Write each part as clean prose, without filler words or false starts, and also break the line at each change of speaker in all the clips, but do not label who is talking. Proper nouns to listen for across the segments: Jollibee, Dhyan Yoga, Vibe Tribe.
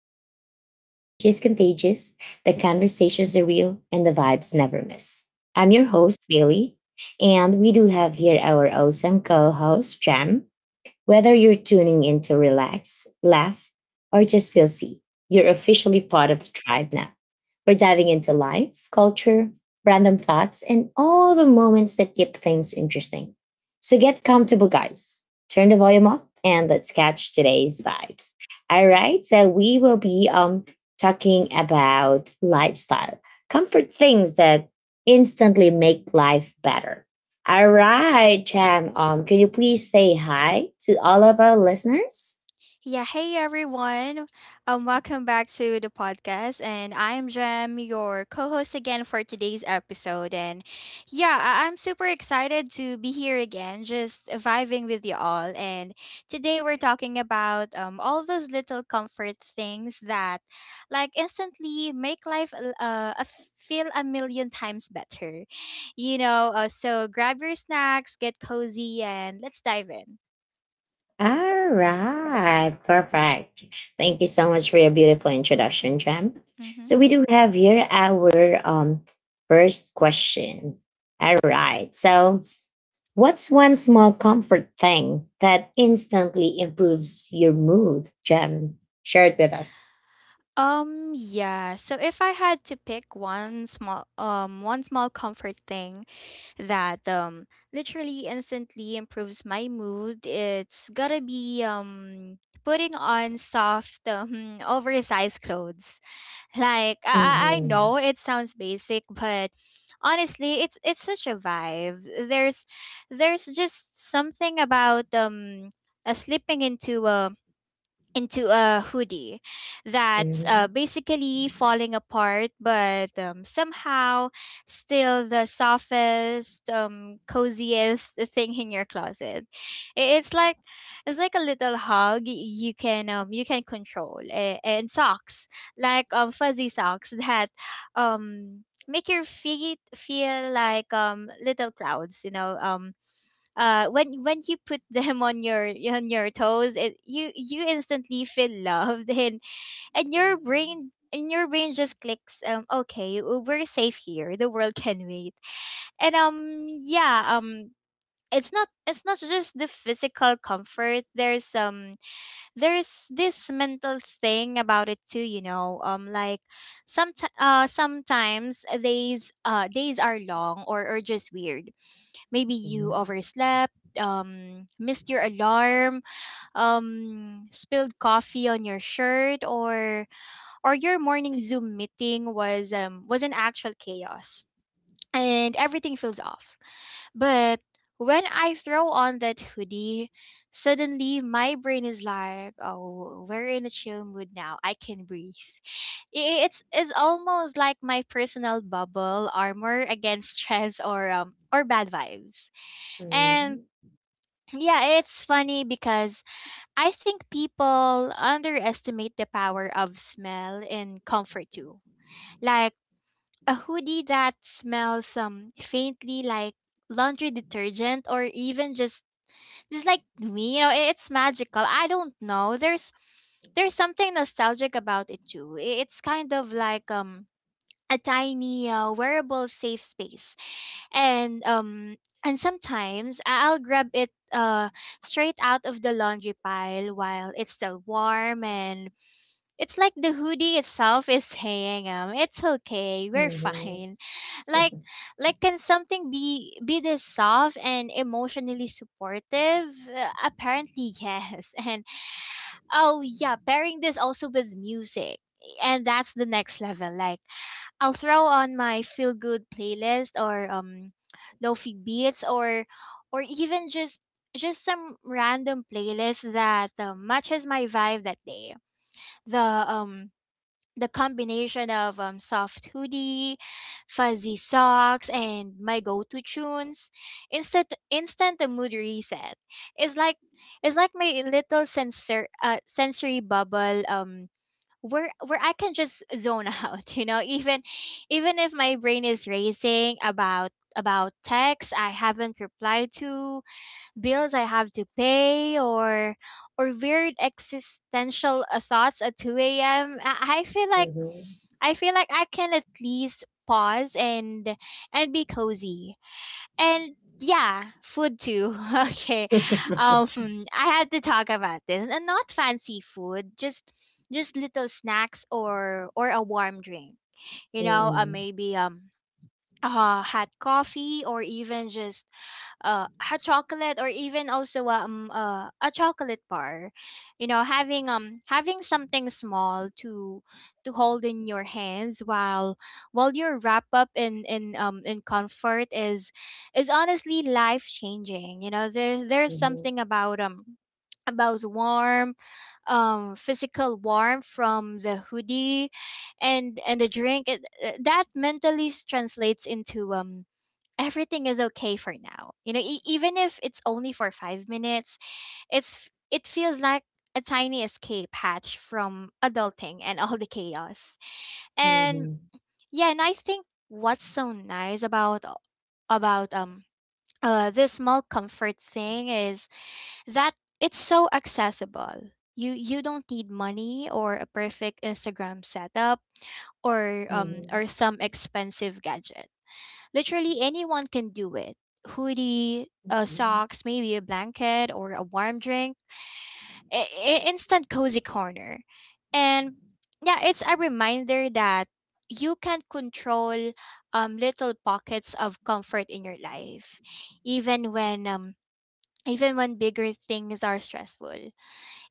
podcast where the energy is contagious, the conversations are real, and the vibes never miss. I'm your host, Bailey, and we do have here our awesome co host, Jam. Whether you're tuning in to relax, laugh, or just feel seen, you're officially part of the tribe now. We're diving into life, culture, random thoughts, and all the moments that keep things interesting. So get comfortable, guys. Turn the volume up and let's catch today's vibes. All right, so we will be talking about lifestyle, comfort things that instantly make life better. All right, Cham. Could you please say hi to all of our listeners?
Yeah, hey everyone. Welcome back to the podcast, and I'm Jem, your co-host again for today's episode. And yeah, I'm super excited to be here again, just vibing with you all. And today we're talking about all those little comfort things that instantly make life feel a million times better. You know, so grab your snacks, get cozy, and let's dive in.
All right, perfect. Thank you so much for your beautiful introduction, Cham.
Mm-hmm.
So we do have here our first question. All right. So, what's one small comfort thing that instantly improves your mood, Cham? Share it with us.
Yeah, so if I had to pick one small comfort thing that literally instantly improves my mood, it's got to be putting on soft oversized clothes. Like I
Mhm,
know it sounds basic, but honestly, it's such a vibe. There's just something about slipping into a hoodie that's
mhm,
basically falling apart, but somehow still the softest, coziest thing in your closet. I- It's like it's like a little hug you can control. And socks, like fuzzy socks that make your feet feel like little clouds. When you put them on your toes, it you instantly feel loved and your brain just clicks, okay, we're safe here, the world can wait. And yeah, it's not just the physical comfort. There's this mental thing about it too, you know, like some sometimes days are long, or just weird. Maybe you
mhm,
overslept, missed your alarm, spilled coffee on your shirt, or your morning Zoom meeting was an actual chaos, and everything feels off. But when I throw on that hoodie, suddenly my brain is like, "Oh, we're in a chill mood now. I can breathe." It's almost like my personal bubble armor against stress or bad vibes. And
mhm,
yeah, it's funny because I think people underestimate the power of smell and comfort too. Like a hoodie that smells faintly like laundry detergent, or even just like me, you know, it's magical. I don't know. There's something nostalgic about it too. It's kind of like a tiny wearable safe space. And sometimes I'll grab it straight out of the laundry pile while it's still warm, and it's like the hoodie itself is saying, it's okay,
mhm,
we're
mhm.
fine. Like like can something be this soft and emotionally supportive? Apparently yes. And oh yeah, pairing this also with music. And that's the next level. Like I'll throw on my feel good playlist, or lofi beats, or even just some random playlist that matches my vibe that day. The combination of soft hoodie, fuzzy socks, and my go-to tunes, instant instant the mood reset. It's like it's like my little sensory bubble, where I can just zone out, you know, even even if my brain is racing about texts I haven't replied to, bills I have to pay, or weird existential thoughts at 2 a.m. I I feel like
Mhm.
I feel like I can at least pause and be cozy. And yeah, food too. Okay. I had to talk about this. And not fancy food, just little snacks or a warm drink. You know,
Mhm.
maybe hot coffee, or even just hot chocolate, or even also a chocolate bar. Having something small to hold in your hands while you're wrapped up in comfort is honestly life changing. You know, there's
Mhm.
something about warm physical warmth from the hoodie and a drink, that mentally translates into everything is okay for now, you know. Even if it's only for 5 minutes, it feels like a tiny escape hatch from adulting and all the chaos. And
Mhm.
yeah, and I think what's so nice about about um this small comfort thing is that it's so accessible. You don't need money or a perfect Instagram setup,
Mhm.
or some expensive gadget. Literally anyone can do it. Hoodie,
Mhm.
socks, maybe a blanket or a warm drink. Instant cozy corner. And yeah, it's a reminder that you can control little pockets of comfort in your life, even when bigger things are stressful.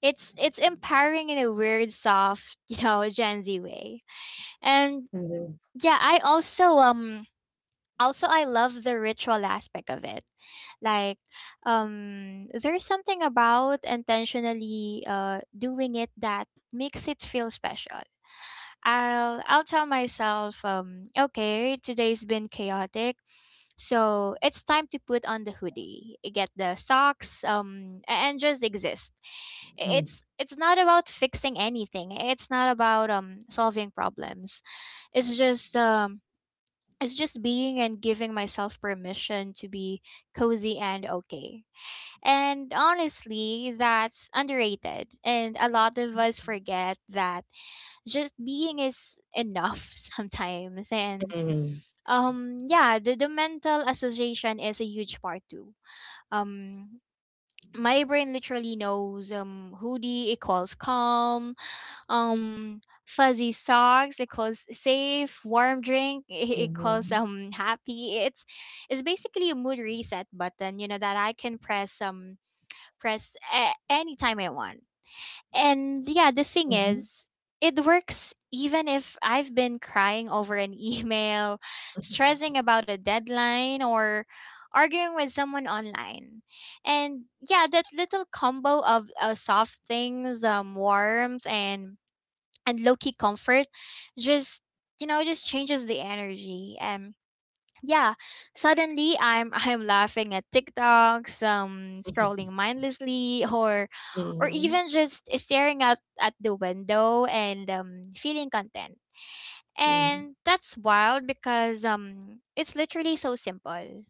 It's empowering in a weird soft, you know, Gen Z way. And
Mhm.
yeah, I also I love the ritual aspect of it. Like there's something about intentionally doing it that makes it feel special. I'll tell myself, okay, today's been chaotic, so it's time to put on the hoodie, get the socks, and just exist. I-
Mhm.
It's it's not about fixing anything. It's not about solving problems. It's just um it's just being and giving myself permission to be cozy and okay. And honestly, that's underrated. And a lot of us forget that just being is enough sometimes. And
Mhm.
yeah, the mental association is a huge part too. Um my brain literally knows, hoodie equals calm, fuzzy socks it calls safe, warm drink it calls happy. It's basically a mood reset button, you know, that I can press, anytime I want. And yeah, the thing
Mhm.
is, it works even if I've been crying over an email, stressing about a deadline, or arguing with someone online. And yeah, that little combo of soft things, warmth, and low key comfort just, you know, just changes the energy. And yeah, suddenly I'm I'm laughing at TikTok, some scrolling mindlessly,
Mhm. Mhm.
or
Mhm.
even just staring out at the window and feeling content. And that's wild because it's literally so simple.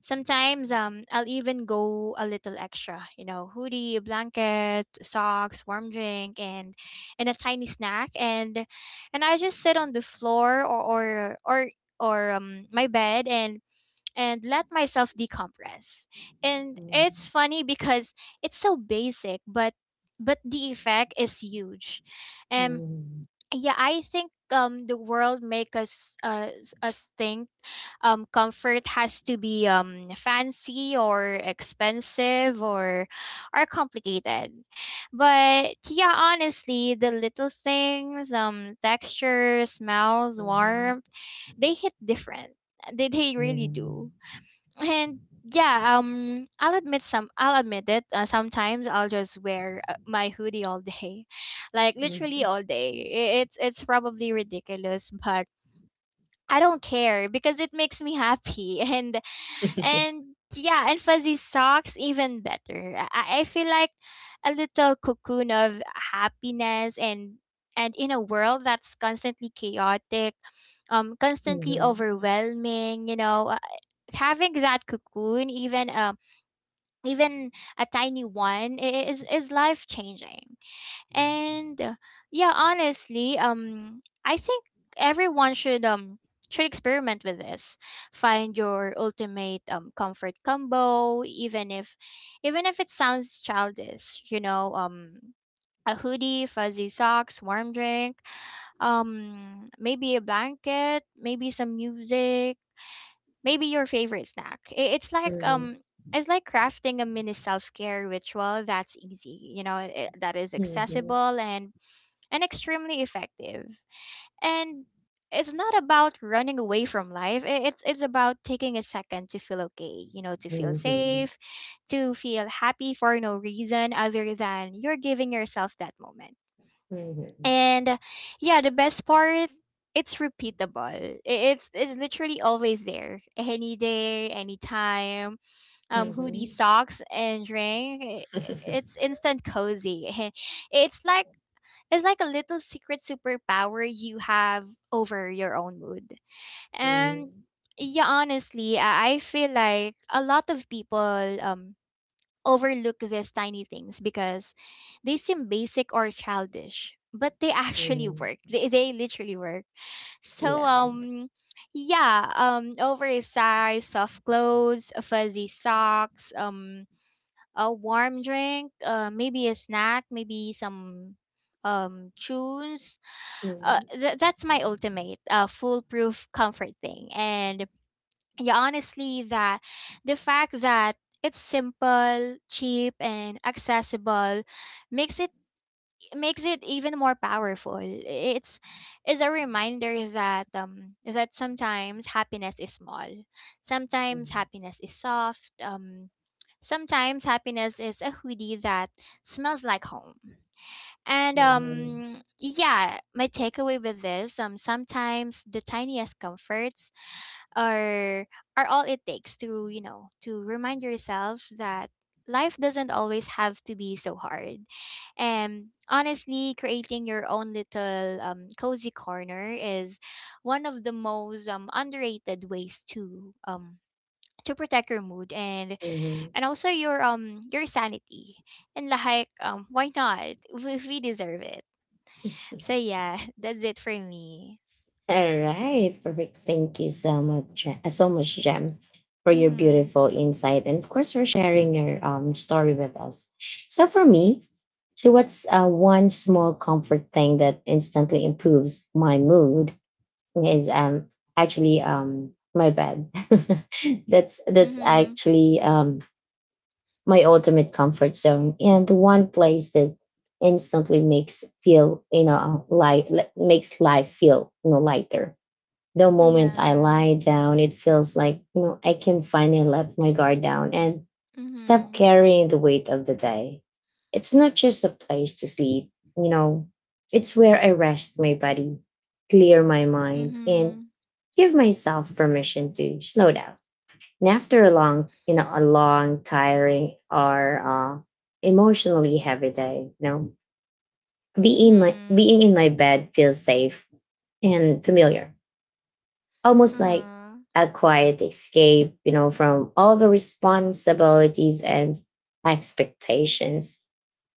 Sometimes I'll even go a little extra, you know, hoodie, blanket, socks, warm drink, and a tiny snack, and I just sit on the floor, or, or my bed, and let myself decompress. And it's funny because it's so basic, but the effect is huge. Um
Mhm.
yeah, I think the world make us think comfort has to be fancy, or expensive, or complicated. But yeah, honestly, the little things, texture, smells,
Mhm. Mhm.
warmth,
Mhm.
they hit different. They really
Mhm.
do.
Mhm.
And yeah, I'll admit it, sometimes I'll just wear my hoodie all day like literally all day. It's probably ridiculous, but I don't care because it makes me happy and yeah, and fuzzy socks even better. I feel like a little cocoon of happiness. And in a world that's constantly chaotic,
Mhm. Mhm. Mhm.
constantly
Mhm.
overwhelming, you know, having that cocoon, even even a tiny one, is life changing. And yeah, honestly, I think everyone should experiment with this. Find your ultimate comfort combo, even if it sounds childish, you know, a hoodie, fuzzy socks, warm drink, maybe a blanket, maybe some music, maybe your favorite snack. It's like crafting a mini self-care ritual that's easy, you know, I that is accessible and extremely effective. And it's not about running away from life. It's about taking a second to feel okay, you know, to feel safe, to feel happy for no reason other than you're giving yourself that moment. And yeah, the best part, it's repeatable. It's literally always there. Any day, anytime. Hoodie, socks, and drink. It's instant cozy. It's like it's like a little secret superpower you have over your own mood.
Mhm.
And
Mhm.
yeah, honestly, I feel like a lot of people overlook these tiny things because they seem basic or childish, but they actually
Mhm.
work. They literally work. So
Yeah.
yeah, oversized soft clothes, fuzzy socks, a warm drink, maybe a snack, maybe some tunes.
Mhm.
That's my ultimate, foolproof comfort thing. And yeah, honestly, that the fact that it's simple, cheap, and accessible makes it makes it even more powerful. It's Is a reminder that sometimes happiness is small. Sometimes
Mhm.
happiness is soft. Sometimes happiness is a hoodie that smells like home. And
Mhm.
yeah, my takeaway with this, sometimes the tiniest comforts are are all it takes to to remind yourself that life doesn't always have to be so hard. And honestly, creating your own little cozy corner is one of the most underrated ways to protect your mood and
Mhm.
and also your sanity. And why not? We deserve it. So yeah, that's it for me.
All right, perfect. Thank you so much, so much, Jem, for your
Mm-hmm.
beautiful insight, and of course for sharing your story with us. So for me, so what's one small comfort thing that instantly improves my mood is actually my bed. That's
Mm-hmm.
actually my ultimate comfort zone and the one place that instantly makes feel, you know, life makes life feel, you know, lighter. The moment I
Yeah.
lie down, it feels like, you know, I can finally let my guard down and stop
Mm-hmm.
carrying the weight of the day. It's not just a place to sleep, you know, it's where I rest my body, clear my mind, and
Mhm.
give myself permission to slow down. And after a long, you know, a long, tiring or emotionally heavy day, you know,
Mhm.
being in my bed feels safe and familiar, almost like
Uh-huh.
a quiet escape, you know, from all the responsibilities and expectations.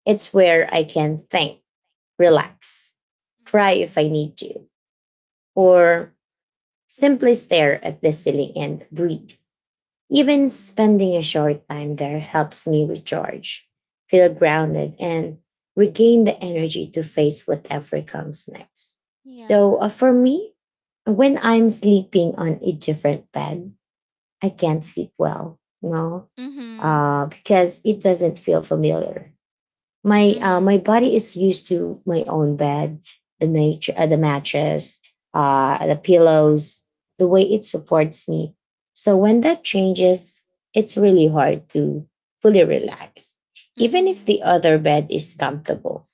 It's where I can think, relax, cry if I
Mhm.
need to, or simply stare at the ceiling and breathe. Even
Mhm.
spending a short time there helps me recharge, feel grounded, and regain the energy to face whatever comes next. So,
Yeah.
for me, when I'm sleeping on a different bed, I can't sleep well, you know,
Mhm.
because it doesn't feel familiar. My uh,
Mhm.
my body is used to my own bed, the nature, the mattress, the pillows, the way it supports me. So when that changes, it's really hard to fully relax. Even if the
Mhm.
other bed is comfortable,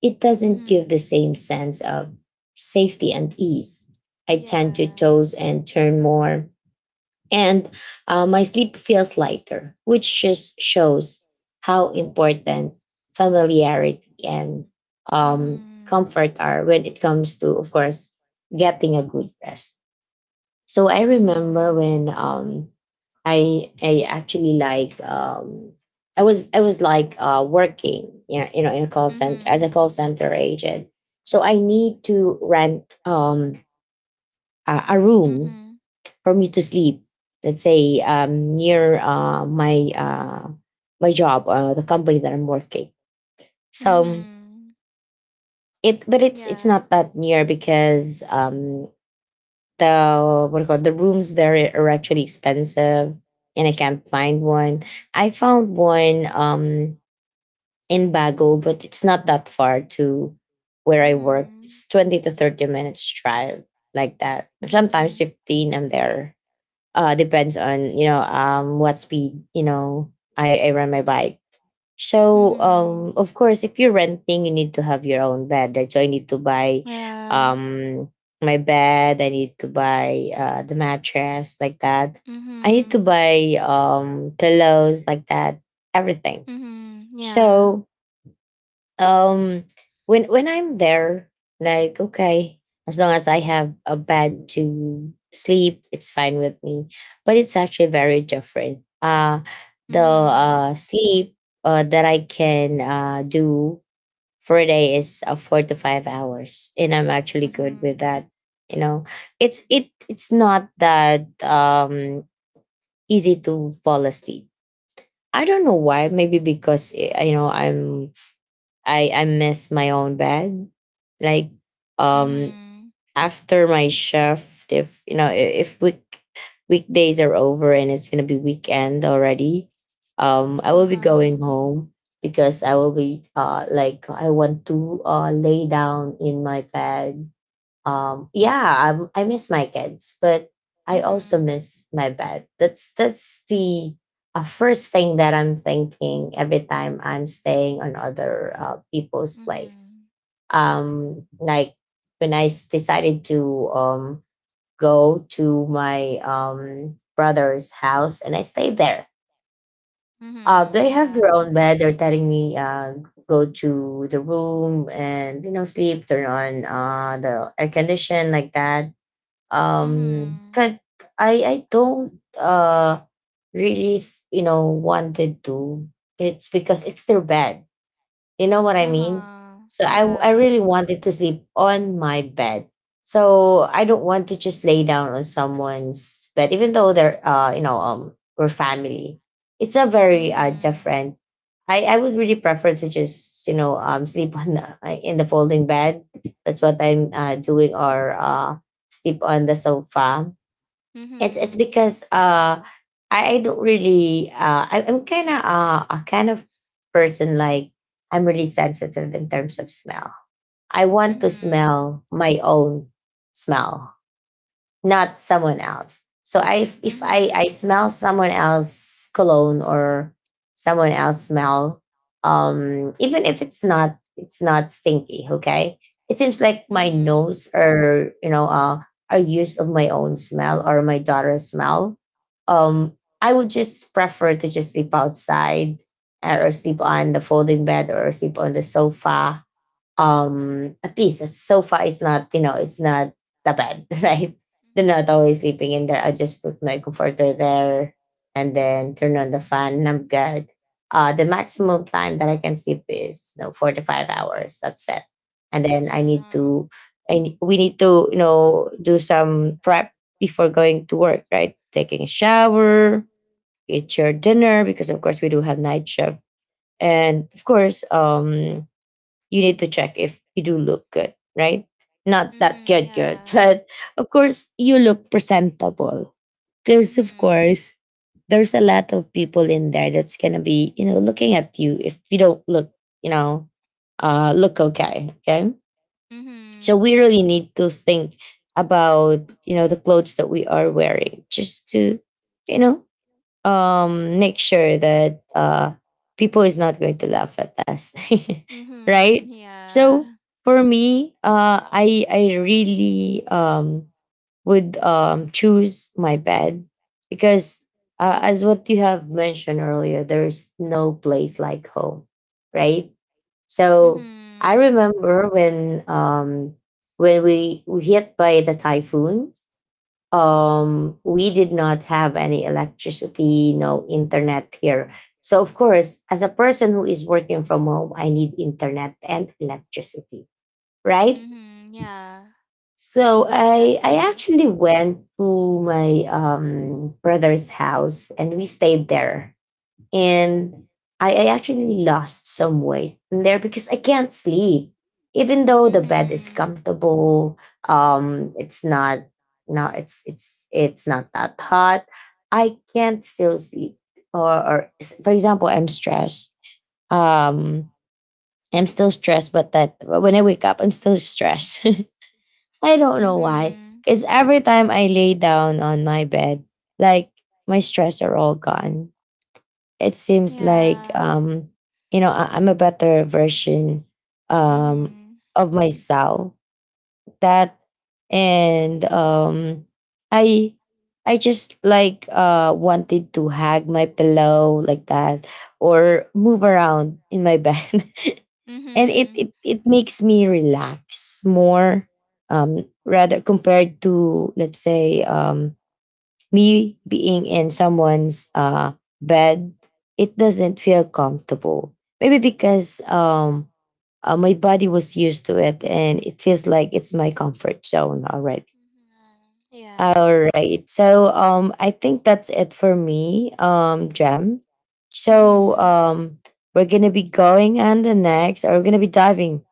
it doesn't give
Mhm.
the same sense of safety and ease. I tend to
Yeah.
toss and turn more and my sleep feels lighter, which just shows how important familiarity and
Mhm.
comfort are when it comes to, of course, getting a good rest. So I remember
Mhm.
when I actually like I was like working, yeah, you know, in a call center as a
Mhm.
call center agent. So I need to rent a room
Mhm.
for me to sleep, let's say near my job, the company that I'm working. So
Mhm.
it, but it's not
Yeah.
that near because the what do you call it, the rooms there are actually expensive, and I can't find one.
Mhm.
I found one in Bago, but it's not that far to where I work.
Mhm.
It's 20 to 30 minutes drive like that. Sometimes
Mhm.
15. I'm there, depends on, you know, what speed, you know, I run my bike. So,
Mhm.
of course, if you're renting you need to have your own bed, right? So I need to buy
Yeah.
um my bed, I need to buy the mattress, like that, I need to
Mhm.
buy pillows, like that, everything.
Mhm. Yeah.
So, um when I'm there, like, okay, as long as I have a bed to sleep it's fine with me. But it's actually very different, the
Mhm.
sleep that I can do for a day is 4 to 5 hours, and I'm actually good with
Mhm.
that, you know. It's not that easy to fall asleep. I don't know why. Maybe because you know, I miss my own bed. Like, um
Mhm.
after my shift, if you know I- if week weekdays are over and it's gonna be weekend already, I will be going
Uh-huh.
home because I will be like I want to lay down in my bed. Yeah, I miss my kids, but I also
Mhm.
miss my bed. That's the first thing that I'm thinking every time I'm staying on other people's place.
Mhm.
Like when I decided to go to my brother's house and I stayed there, they
Mhm.
have their
Yeah.
own bed. They're telling me, go to the room and, you know, sleep, turn on the air condition, like that. um
Mhm.
that i i don't uh really, you know, wanted to. It's because it's their bad. You know what I mean?
Uh-huh.
So I
Yeah.
really wanted to sleep on my bed. So I don't want to just lay down on someone's bed, even though they're, you know, we're family. It's a very
Mhm.
different. I would really prefer to just, you know, sleep on the, in the folding bed. That's what I'm doing, or sleep on the sofa. It's
Mhm.
because I don't really I'm kind of a kind of person like I'm really sensitive in terms of smell. I want to
Mhm.
smell my own smell, not someone else. So I, if I
Mhm.
smell someone else cologne, or someone else smell, even if it's not, it's not stinky, okay, it seems like my
Mhm.
nose, or, you know, are used of my own smell or my daughter's smell. Um, I would just prefer to just sleep outside, or sleep on the folding bed, or sleep on the sofa. At least a sofa is not, you know, it's not the bed, right? They're not always sleeping in there. I just put my comforter there and then turn on the fan, and I'm good. The maximum time that I can sleep is, you know, 4 to 5 hours. That's it. And then I need
Yeah.
to, and we need to, you know, do some prep before going to work. Right, taking a shower, eat your dinner, because of course we do have night shift. And of course, you need to check if you do look good, right? Not that
Mhm.
good, good,
Yeah.
but of course you look presentable, because of
Mhm.
course there's a lot of people in there that's gonna be, you know, looking at you if you don't look, you know, look okay, okay. So
Mhm.
we really need to think about, you know, the clothes that we are wearing just to, you know, make sure that people is not going to laugh at us.
Mhm.
Right, so
Yeah.
for me, I really would choose my bed, because, as what you have mentioned earlier, there is no place like home, right? So I
Mhm.
remember when we hit by the typhoon. We did not have any electricity, no internet here. So, of course, as a person who is working from home, I need internet and electricity, right?
Mhm. Yeah.
So I
Exactly.
actually went to my brother's house and we stayed there, and I actually lost some weight in there because I can't sleep. Even though the bed is
Mhm.
comfortable, it's not, no, it's it's not that hot. I can't still sleep. Or, for example, I'm stressed. Um, I'm still stressed, but that when I wake up, I'm still stressed. I don't know why.
Mhm.
Because every time I lay down on my bed, like, my stress are all gone. It seems like,
Yeah.
you know, I'm a better version um
Mhm.
of myself, that. And i I just like wanted to hug my pillow, like that, or move around in my bed. And it
Mhm.
it, it makes me relax more, rather compared to, let's say, me being in someone's, bed, it doesn't feel comfortable. Maybe because my body was used to it, and it feels like it's my comfort zone already.
Mm-hmm. Yeah.
All right. So, I think that's it for me, Jem. So,
Mhm.
we're gonna be going on the next, or we're gonna be diving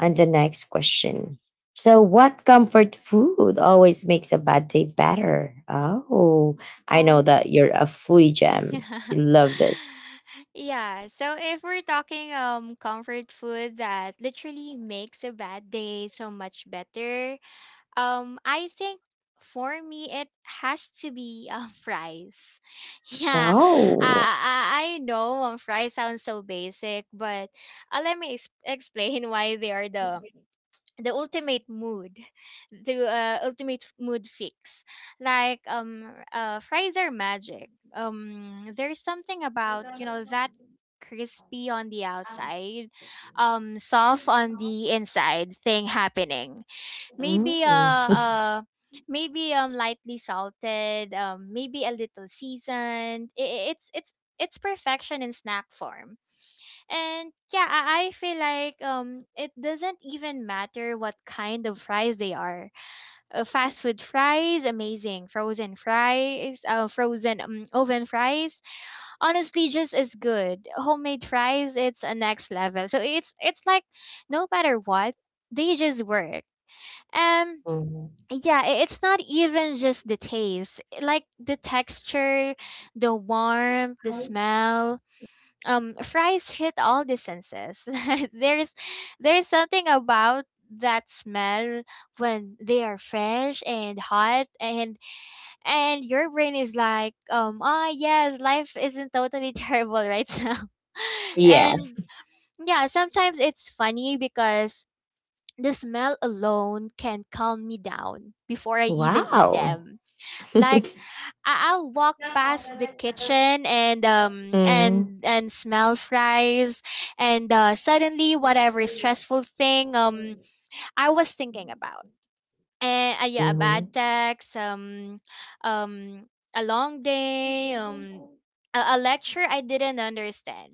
on the next question. So, what comfort food always makes a bad day better? Oh, I know
Um.
that you're a foodie, Jem. You
Yeah.
love this.
Yeah. So if we're talking comfort food that literally makes a bad day so much better, I think for me it has to be fries. Yeah. Uh,
No.
I I know fries sounds so basic, but let me explain why they are the ultimate mood the ultimate mood fix. Like, fries are magic. There's something about, that crispy on the outside, soft on the inside thing happening, maybe
Mm.
maybe lightly salted, maybe a little seasoned. It's perfection in snack form. And yeah, I feel like it doesn't even matter what kind of fries they are. Fast food fries, amazing. Frozen fries, frozen Oven fries, honestly just as good. Homemade fries, it's a next level. So it's like, no matter what, they just work. Um
Mhm.
yeah, it's not even just the taste. Like the texture, the warmth, the smell. Fries hit all the senses. there's there's something about that smell when they are fresh and hot, and your brain is like, ah, yes, life isn't totally terrible right now.
Yeah.
And yeah, sometimes it's funny because the smell alone can calm me down before I even eat
Wow.
them. Like, I'll walk past the kitchen and um
Mhm.
and and smell fries, and suddenly whatever stressful thing, I was thinking about—
Mhm.
and yeah, a bad text, um a long day, a lecture I didn't understand—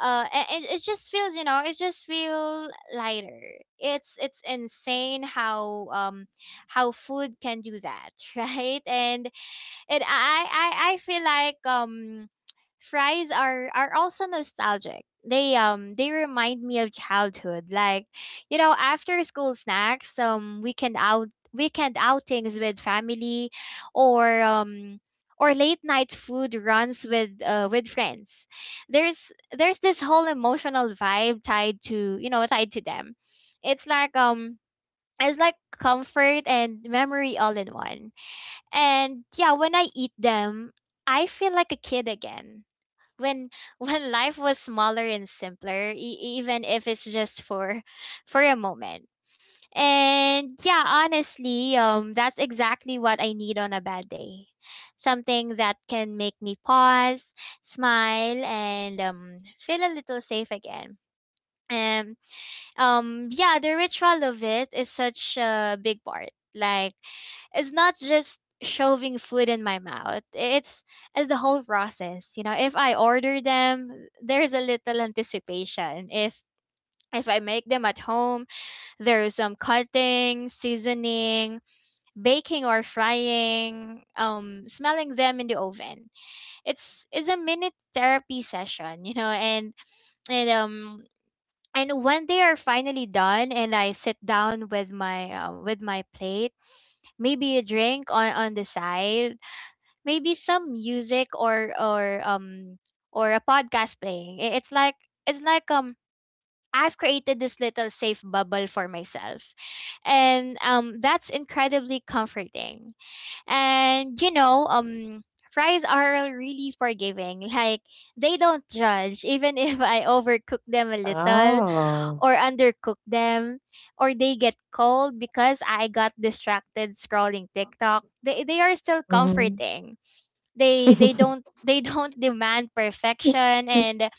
and it just feel lighter. It's insane how, how food can do that. Right? And I feel like, fries are also nostalgic. They remind me of childhood. Like, you know, after school snacks, weekend outings with family, or um or late night food runs with with friends. There's this whole emotional vibe tied to them. It's like um it's like comfort and memory all in one, and yeah, when I eat them, I feel like a kid again. When when life was smaller and simpler, even if it's just for a moment. And yeah, honestly, that's exactly what I need on a bad day. Something that can make me pause, smile, and feel a little safe again. And yeah, the ritual of it is such a big part. Like, it's not just shoving food in my mouth, it's the whole process. You know, if I order them, there's a little anticipation. If I make them at home, there's some cutting, seasoning, baking, or frying, smelling them in the oven. It's a minute therapy session, you know. And and um and when they are finally done and I sit down with my plate, maybe a drink on the side, maybe some music, or a podcast playing, I- it's like I've created this little safe bubble for myself, and that's incredibly comforting. And you know, fries are really forgiving. Like, they don't judge, even if I overcook them a little,
Oh.
or undercook them, or they get cold because I got distracted scrolling TikTok, they are still
Mhm.
comforting. They don't demand perfection. and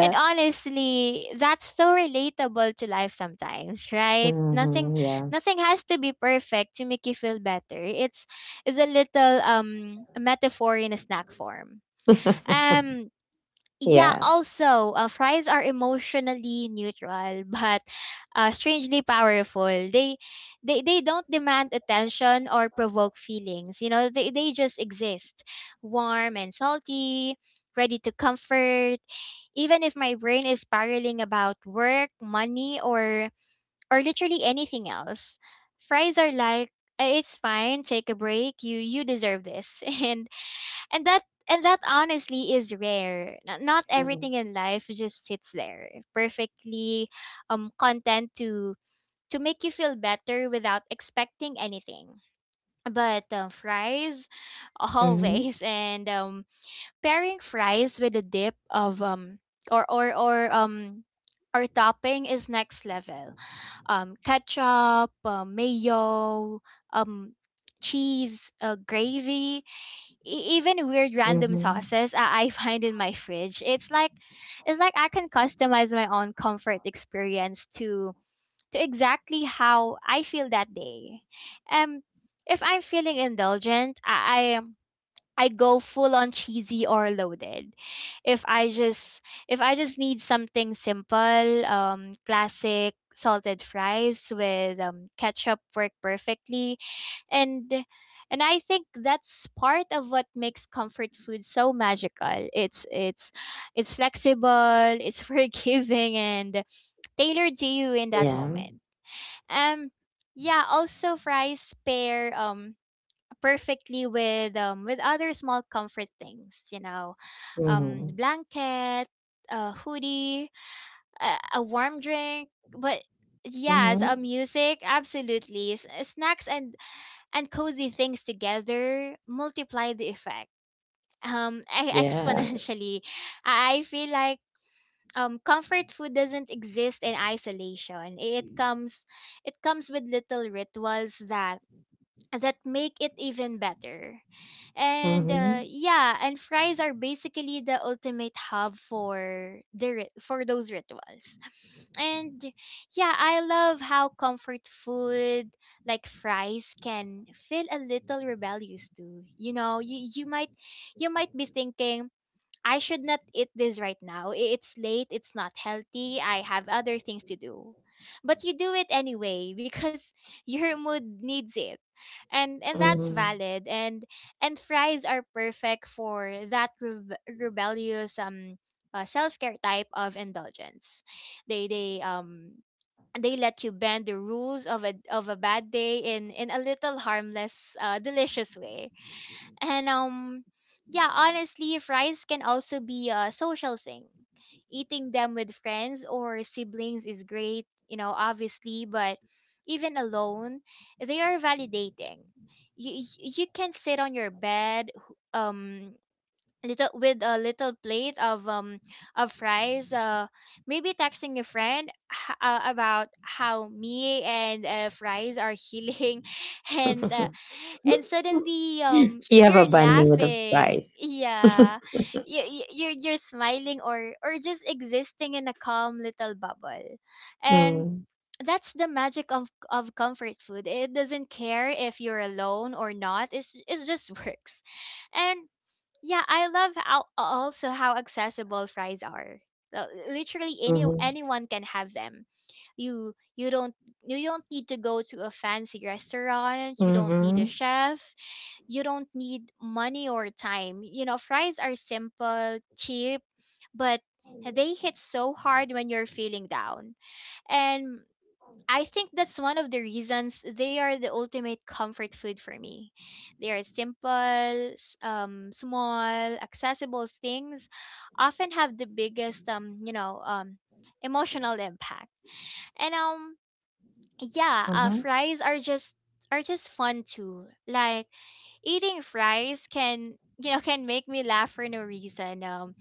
and honestly, that's so relatable to life sometimes, right? Nothing
Mhm, yeah.
nothing has to be perfect to make you feel better. It's a little metaphor in a snack form. Um yeah,
Yeah.
also, fries are emotionally neutral but strangely powerful. They don't demand attention or provoke feelings. You know, they just exist, warm and salty, ready to comfort. Even if my brain is spiraling about work, money, or literally anything else, fries are like, "Eh, it's fine. Take a break. You deserve this," and that and that honestly is rare. Not
Mhm.
everything in life just sits there perfectly, content to make you feel better without expecting anything, but fries
Mhm,
always. And pairing fries with a dip of, or or or um or topping is next level. Ketchup, mayo, um, cheese, gravy, even weird random
mhm.
sauces I find in my fridge. It's like I can customize my own comfort experience to exactly how I feel that day. Um, if I'm feeling indulgent, I go full on cheesy or loaded. If I just if I just need something simple, classic salted fries with ketchup work perfectly, and and I think that's part of what makes comfort food so magical. It's flexible, it's forgiving, and tailored to you in that
Yeah.
moment. Um, yeah. Also, fries pair perfectly with with other small comfort things, you know:
Mhm.
blanket, a hoodie, a warm drink, but yes, a
Mhm.
music absolutely. Snacks and cozy things together multiply the effect,
Yeah.
exponentially. I feel like, comfort food doesn't exist in isolation. It comes with little rituals that make it even better. And
Mhm.
yeah, and fries are basically the ultimate hub for for those rituals. And yeah, I love how comfort food like fries can feel a little rebellious too. You know, you might be thinking, "I should not eat this right now. It's late, it's not healthy, I have other things to do." But you do it anyway because your mood needs it. And that's
Mhm.
valid, and fries are perfect for that rebellious, self-care type of indulgence. They they um they let you bend the rules of a bad day, in a little harmless, delicious way. And yeah, honestly, fries can also be a social thing. Eating them with friends or siblings is great, you know, obviously, but even alone, they are validating. You can sit on your bed, um little with a little plate of of fries, maybe texting a friend, about how me and, fries are healing, and uh, and suddenly
You have a
you're
bunny with a
laughing,
price.
yeah. You're smiling or just existing in a calm little bubble, and
Mm.
that's the magic of comfort food. It doesn't care if you're alone or not. It just works. And yeah, I love how, also how accessible fries are. Well, literally
Mhm.
anyone can have them. You you don't you don't need to go to a fancy restaurant. You don't need a
Mhm.
chef. You don't need money or time. You know, fries are simple, cheap, but they hit so hard when you're feeling down. And I think that's one of the reasons they are the ultimate comfort food for me. They are simple, small, accessible things, often have the biggest, you know, emotional impact. And yeah,
Mhm.
fries are just fun too. Like, eating fries can, you know, can make me laugh for no reason.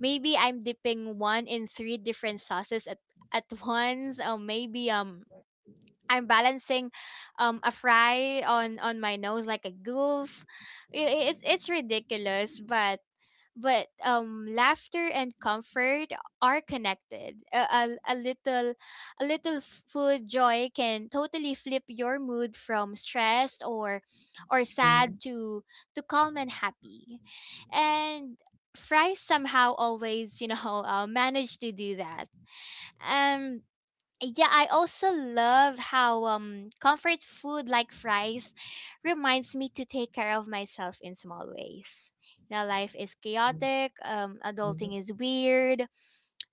Maybe I'm dipping one in three different sauces at once. Maybe I'm balancing a fry on my nose like a goof. I- it's ridiculous, but laughter and comfort are connected. A, a little a little food joy can totally flip your mood from stressed or
Mhm.
sad to calm and happy. And fries somehow always, you know, manage to do that. Um yeah, I also love how comfort food like fries reminds me to take care of myself in small ways. You know, life is
Mhm.
chaotic, adulting
Mhm.
is weird,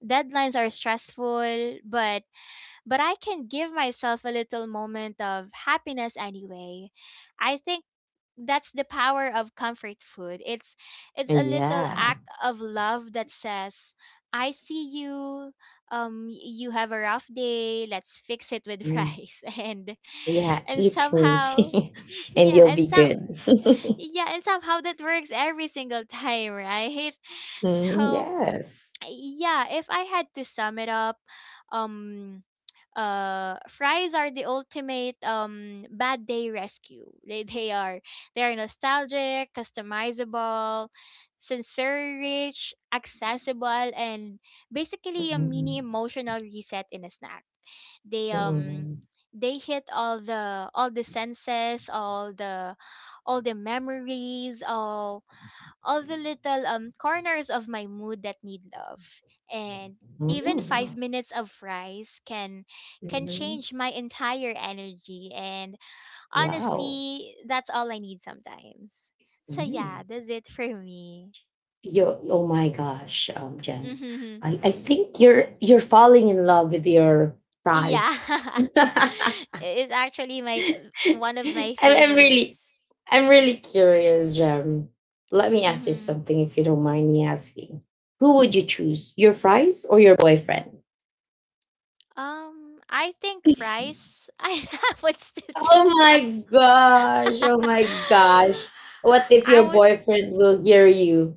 deadlines are stressful, but I can give myself a little moment of happiness anyway. I think that's the power of comfort food. It's a little
Yeah.
act of love that says, "I see you. You have a rough day. Let's fix it with
Mm.
rice." And
Yeah,
and
eat me
somehow,
and
yeah,
you'll
and
be
some
good.
yeah, and somehow that works every single time, right?
Mm,
So
yes.
yeah, if I had to sum it up, um fries are the ultimate bad day rescue. They are nostalgic, customizable, sensory rich, accessible, and basically a mini
Mhm.
emotional reset in a snack. they um
Mhm.
they hit all the senses, all the memories, all the little corners of my mood that need love. And even 5
Mhm.
minutes of fries can
Mhm.
change my entire energy, and
Wow.
honestly, that's all I need sometimes. So
Mm.
yeah, that's it for me.
Yo, oh my gosh, Jen.
Mhm.
I think you're falling in love with your
Yeah.
prize. I'm,
It's actually my one of my
I'm
favorites.
really I'm really curious, Jem. Let me ask you
Mhm.
something if you don't mind me asking. Who would you choose? Your fries or your boyfriend?
I think rice. I would still
Oh
choose
my
rice.
gosh. Oh my gosh. What if
I
your
would.
boyfriend will hear you?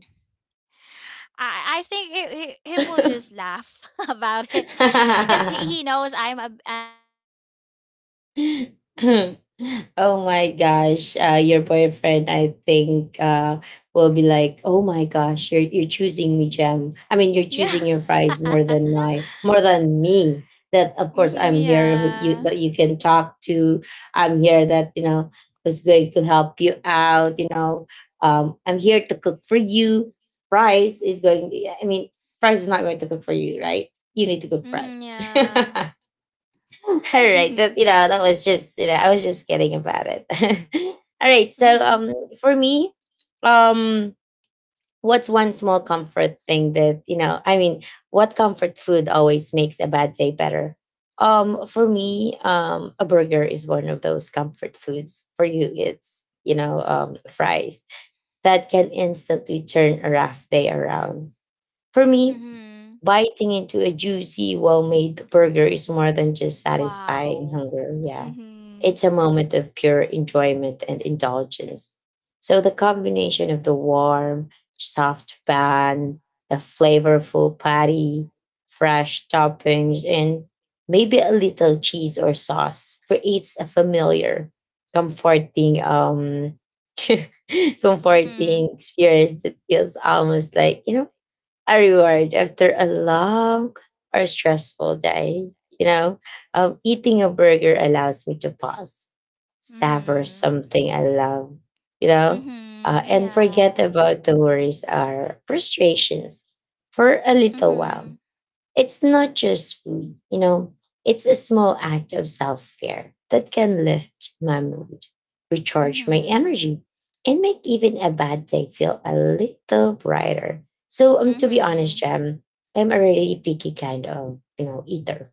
I think he will just laugh about it. Because he knows I'm a big fan of rice. As in,
Oh my gosh, your boyfriend, I think, will be like, "Oh my gosh, you're choosing me, Jam. I mean, you're
yeah.
choosing your fries more than my more than me. That of course
Mhm,
I'm here, who you
yeah.
that you can talk to. I'm here that you know is going to help you out. You know, I'm here to cook for you. Fries is going. I mean, fries is not going to cook for you, right? You need to cook
Hmm,
fries."
yeah.
All right,
Hmm.
that you know that was just you know I was just kidding about it. All right, so
Hmm.
for me, um what's one small comfort thing that you know I mean what comfort food always makes a bad day better? For me, a burger is one of those comfort foods. For you, it's you know fries that can instantly turn a rough day around. For me,
Hmm.
biting into a juicy, well made burger is more than just satisfying
Wow.
hunger. Yeah.
Hmm.
It's a moment of pure enjoyment and indulgence. So the combination of the warm, soft bun, the flavorful patty, fresh toppings, and maybe a little cheese or sauce creates a familiar, comforting,
Hmm.
comforting experience that feels almost like, you know, a reward after a long or stressful day. You know, eating a burger allows me to pause, savor
Hmm.
something I love, you know,
Hmm.
and forget
Yeah.
about the worries or frustrations for a little while.
Mhm.
It's not just food, you know, it's a small act of self care that can lift my mood, recharge my
Mhm.
energy, and make even a bad day feel a little brighter. So, to be honest,
Mhm.
Jem, I'm a really picky kind of, you know, eater.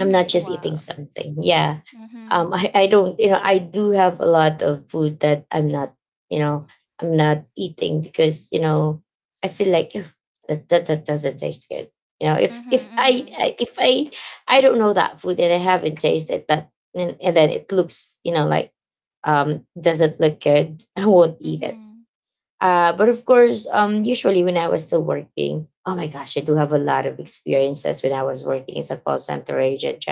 I'm not just eating
Wow.
something. Yeah.
Mhm.
I don't, you know, I do have a lot of food that I'm not, you know, I'm not eating because, you know, I feel like, "Ugh, that doesn't taste good. You know,
Mhm.
if I, I don't know that food and I haven't tasted that, and then it looks, you know, like, doesn't look good," I won't
Mhm.
eat it.
Mhm.
But of course, usually when I was still working, oh my gosh, I do have a lot of experiences when I was working as a call center agent,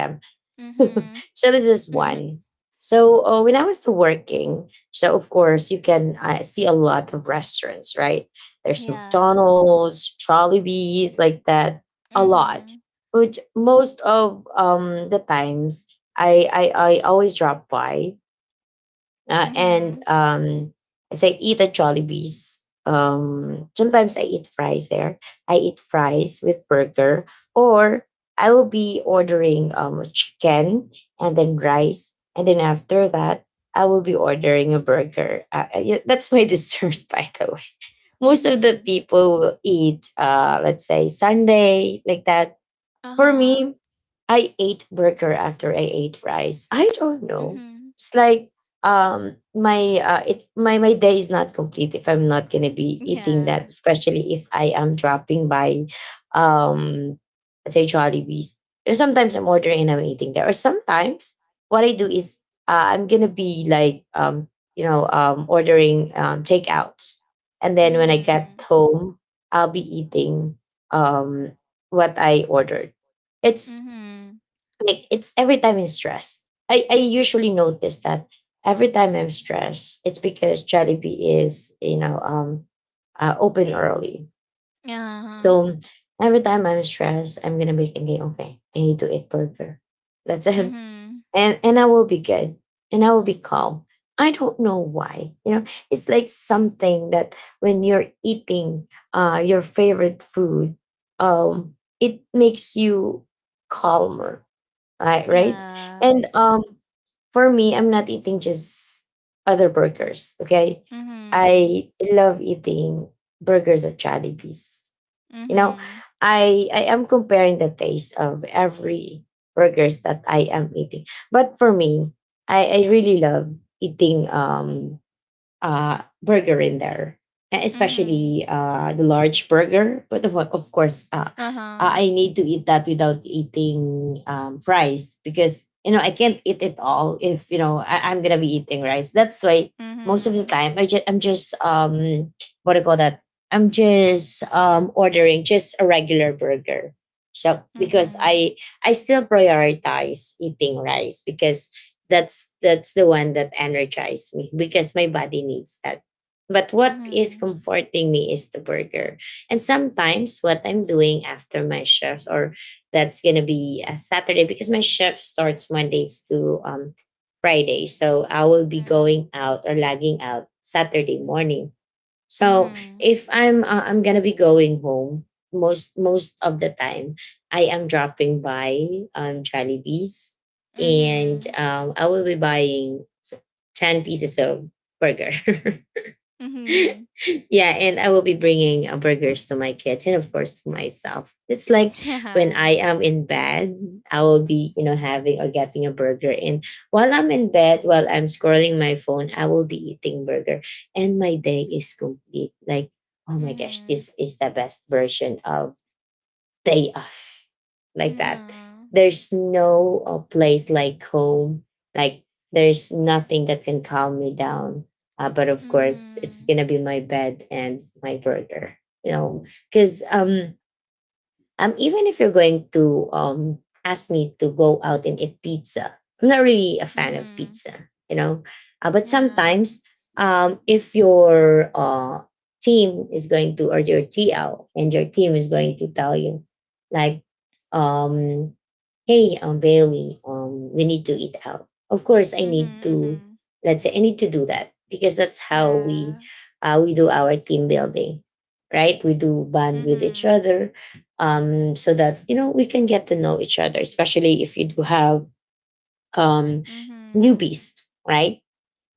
Mhm.
so this is one. So when I was still working, so of course you can see a lot of restaurants, right? There's
Yeah.
McDonald's, Bees, like that, a lot.
Mhm.
But most of the times, I always drop by and
Mhm.
as I eat at Jollibee's, sometimes I eat fries there. I eat fries with burger, or I will be ordering chicken and then rice. And then after that, I will be ordering a burger. Yeah, that's my dessert, by the way. Most of the
Mhm.
people will eat, let's say, Sunday, like that.
Uh
For
huh.
me, I ate burger after I ate rice. I don't know.
Mhm.
It's like my it my my day is not complete if I'm not gonna be eating
Yeah.
that, especially if I am dropping by um let's say Jollibees. Or sometimes I'm ordering and I'm eating there. Or sometimes what I do is I'm gonna be like ordering takeouts, and then when I get
Mhm.
home I'll be eating um what I ordered. It's
Mhm.
like it's every time I'm stressed. I usually notice that every time I'm stressed, it's because Jollibee is, you know, open early.
Uh huh.
So every time I'm stressed, I'm gonna be thinking, okay, I need to eat burger. That's it.
Mhm.
And I will be good. And I will be calm. I don't know why. You know, it's like something that when you're eating your favorite food, um, it makes you calmer, I, right?
Yeah.
And for me, I'm not eating just other burgers. Okay,
Mhm.
I love eating burgers at Jollibee's. You know,
Mhm.
I am comparing the taste of every burgers that I am eating. But for me, I really love eating burger in there,
Mhm.
especially the large burger. But of course,
Uh huh.
I need to eat that without eating fries because you know I can't eat it all if you know I'm gonna be eating rice. That's why most of the
Mhm.
time I just I'm just what do you call that? I'm just ordering just a regular burger. So because
Mhm.
I still prioritize eating rice because that's the one that energized me because my body needs that, but what is
Mhm.
comforting me is the burger. And sometimes what I'm doing after my shift, or that's gonna be a Saturday because my shift starts Mondays to Friday, so I will be going out or lagging out Saturday morning. So
Mhm.
if I'm gonna be going home, most most of the time, I am dropping by Jollibee's,
Mhm.
and
Mhm.
I will be buying 10 pieces of burger.
Mhm.
Yeah, and I will be bringing burgers to my kids and of course to myself. It's like when
Yeah.
I am in bed, I will be, you know, having or getting a burger, and while I'm in bed, while I'm scrolling my phone, I will be eating burger, and my day is complete. Like, oh my gosh,
Mhm.
this is the best version of they us, like that.
Mhm.
There's no place like home. Like there's nothing that can calm me down. But of course, it's
Mhm.
gonna be my bed and my burger. You know, because even if you're going to ask me to go out and eat pizza, I'm not really a fan of
Mhm.
pizza, you know. But
Yeah.
sometimes, if your team is going to, or your TL and your team is going to tell you, like, um, hey, Bailey, we need to eat out. Of course I
Mhm.
need to
Mhm.
let's say I need to do that because that's how
Yeah.
we do our team building, right? We do bond with each
Mhm.
other, so that you know we can get to know each other, especially if you do have um
Mhm.
newbies, right?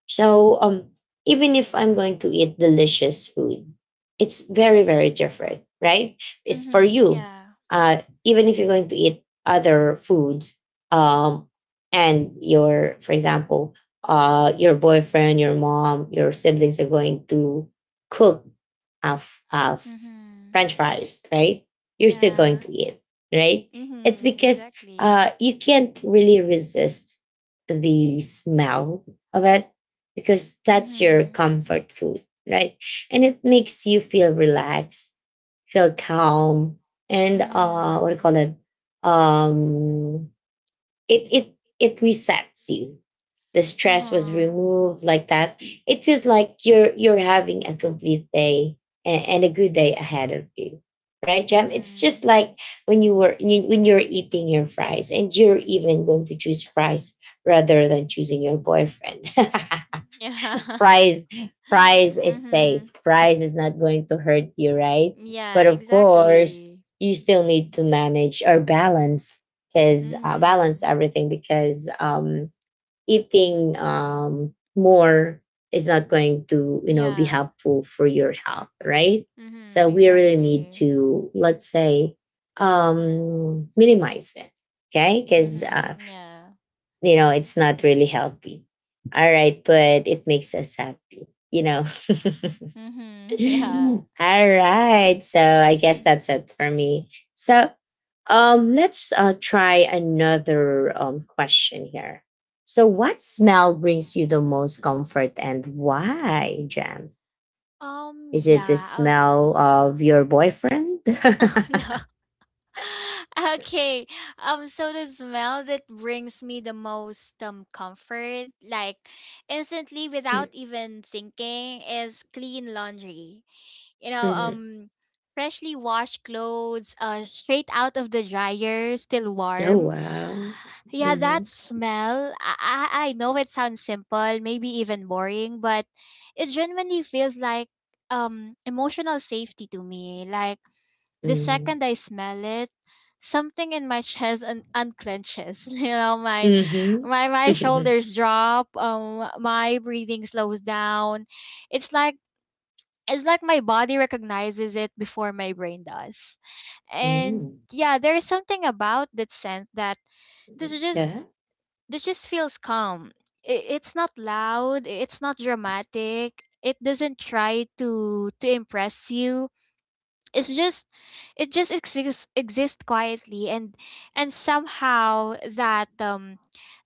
So even if I'm going to eat delicious food, it's very very different, right? It's for
Mhm.
you.
Yeah.
Even if you're going to eat other foods, um, and your, for example, your boyfriend, your mom, your siblings are going to cook of
Mhm.
French fries, right? You're still going
Yeah.
to eat, right? It's
Mhm.
because
Exactly.
you can't really resist the smell of it because that's your
Mhm.
comfort food, right? And it makes you feel relaxed, feel calm, and what do you
Mhm.
call it? Um, it it resets you. The stress was
Uh-huh.
removed like that. It feels like you're having a complete day and a good day ahead of you, right, Jam? It's just
Mhm.
like when when you're eating your fries and you're even going to choose fries rather than choosing your boyfriend.
Yeah.
fries Fries is safe,
Mhm.
fries is not going to hurt you, right?
Yeah,
But of course
exactly.
you still need to manage or balance because balance
Mhm.
everything because eating more is not going to you know be
Yeah.
helpful for your health, right?
Mhm.
So we really need
Exactly.
to let's say minimize it, okay, because
Mhm. Yeah.
you know it's not really healthy, all right, but it makes us happy, you know.
Mhm, yeah.
All right, so I guess that's it for me, so let's try another question here. So what smell brings you the most comfort and why, Jam? Is it the
Yeah. Oh.
smell of your boyfriend?
Oh no. Okay. So the smell that brings me the most comfort, like instantly without even thinking, is clean laundry. you know,
Mhm.
um, Freshly washed clothes, straight out of the dryer, still
Oh
warm.
wow.
Yeah,
Hmm.
that smell. I know it sounds simple, maybe even boring, but it genuinely feels like emotional safety to me. Like the
Hmm.
second I smell it, something in my chest unclenches. You know, my shoulders drop. My breathing slows down. It's like it's like my body recognizes it before my brain does. And
Hmm.
yeah, there is something about that scent that this is just
Yeah.
this just feels calm. It's not loud, it's not dramatic. It doesn't try to impress you. It's just it just exists quietly, and somehow that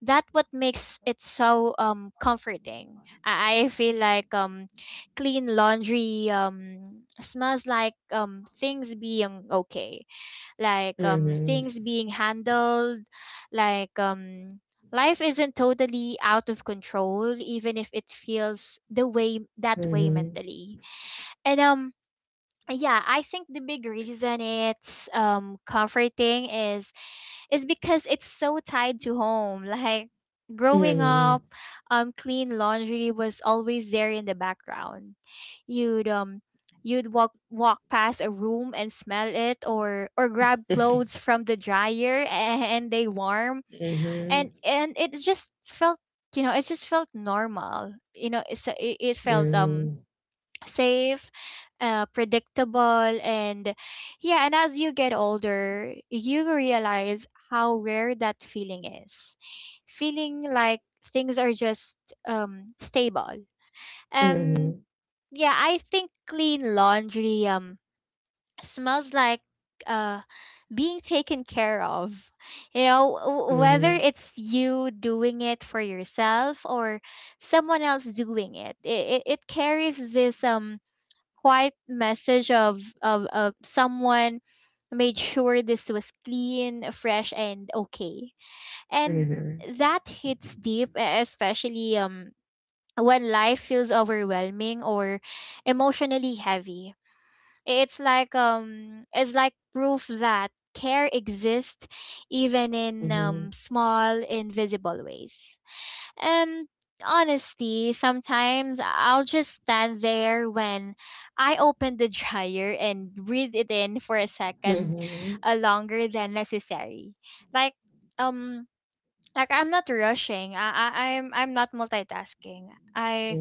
that what makes it so comforting, I feel like clean laundry smells like things being okay, like
Mhm.
things being handled, like life isn't totally out of control even if it feels the way that way
Mhm.
mentally. And yeah, I think the big reason it's comforting is because it's so tied to home, like growing
Mhm.
up, clean laundry was always there in the background. You'd um you'd walk past a room and smell it, or grab clothes from the dryer and they warm, and
Mhm.
and it just felt, you know, it just felt normal. You know, it felt
Mhm.
safe, predictable, and yeah, and as you get older, you realize how rare that feeling is. Feeling like things are just stable. Um
Mhm.
yeah, I think clean laundry smells like uh being taken care of. You know, whether
Mhm.
it's you doing it for yourself or someone else doing it. It carries this quiet message of, of someone made sure this was clean, fresh, and okay. And
Mhm.
that hits deep, especially when life feels overwhelming or emotionally heavy. It's like proof that care exists even in
Mhm.
small, invisible ways. Um, Honestly, sometimes I'll just stand there when I open the dryer and breathe it in for a second,
Mhm.
longer than necessary. Like um like I'm not rushing. I'm not multitasking. I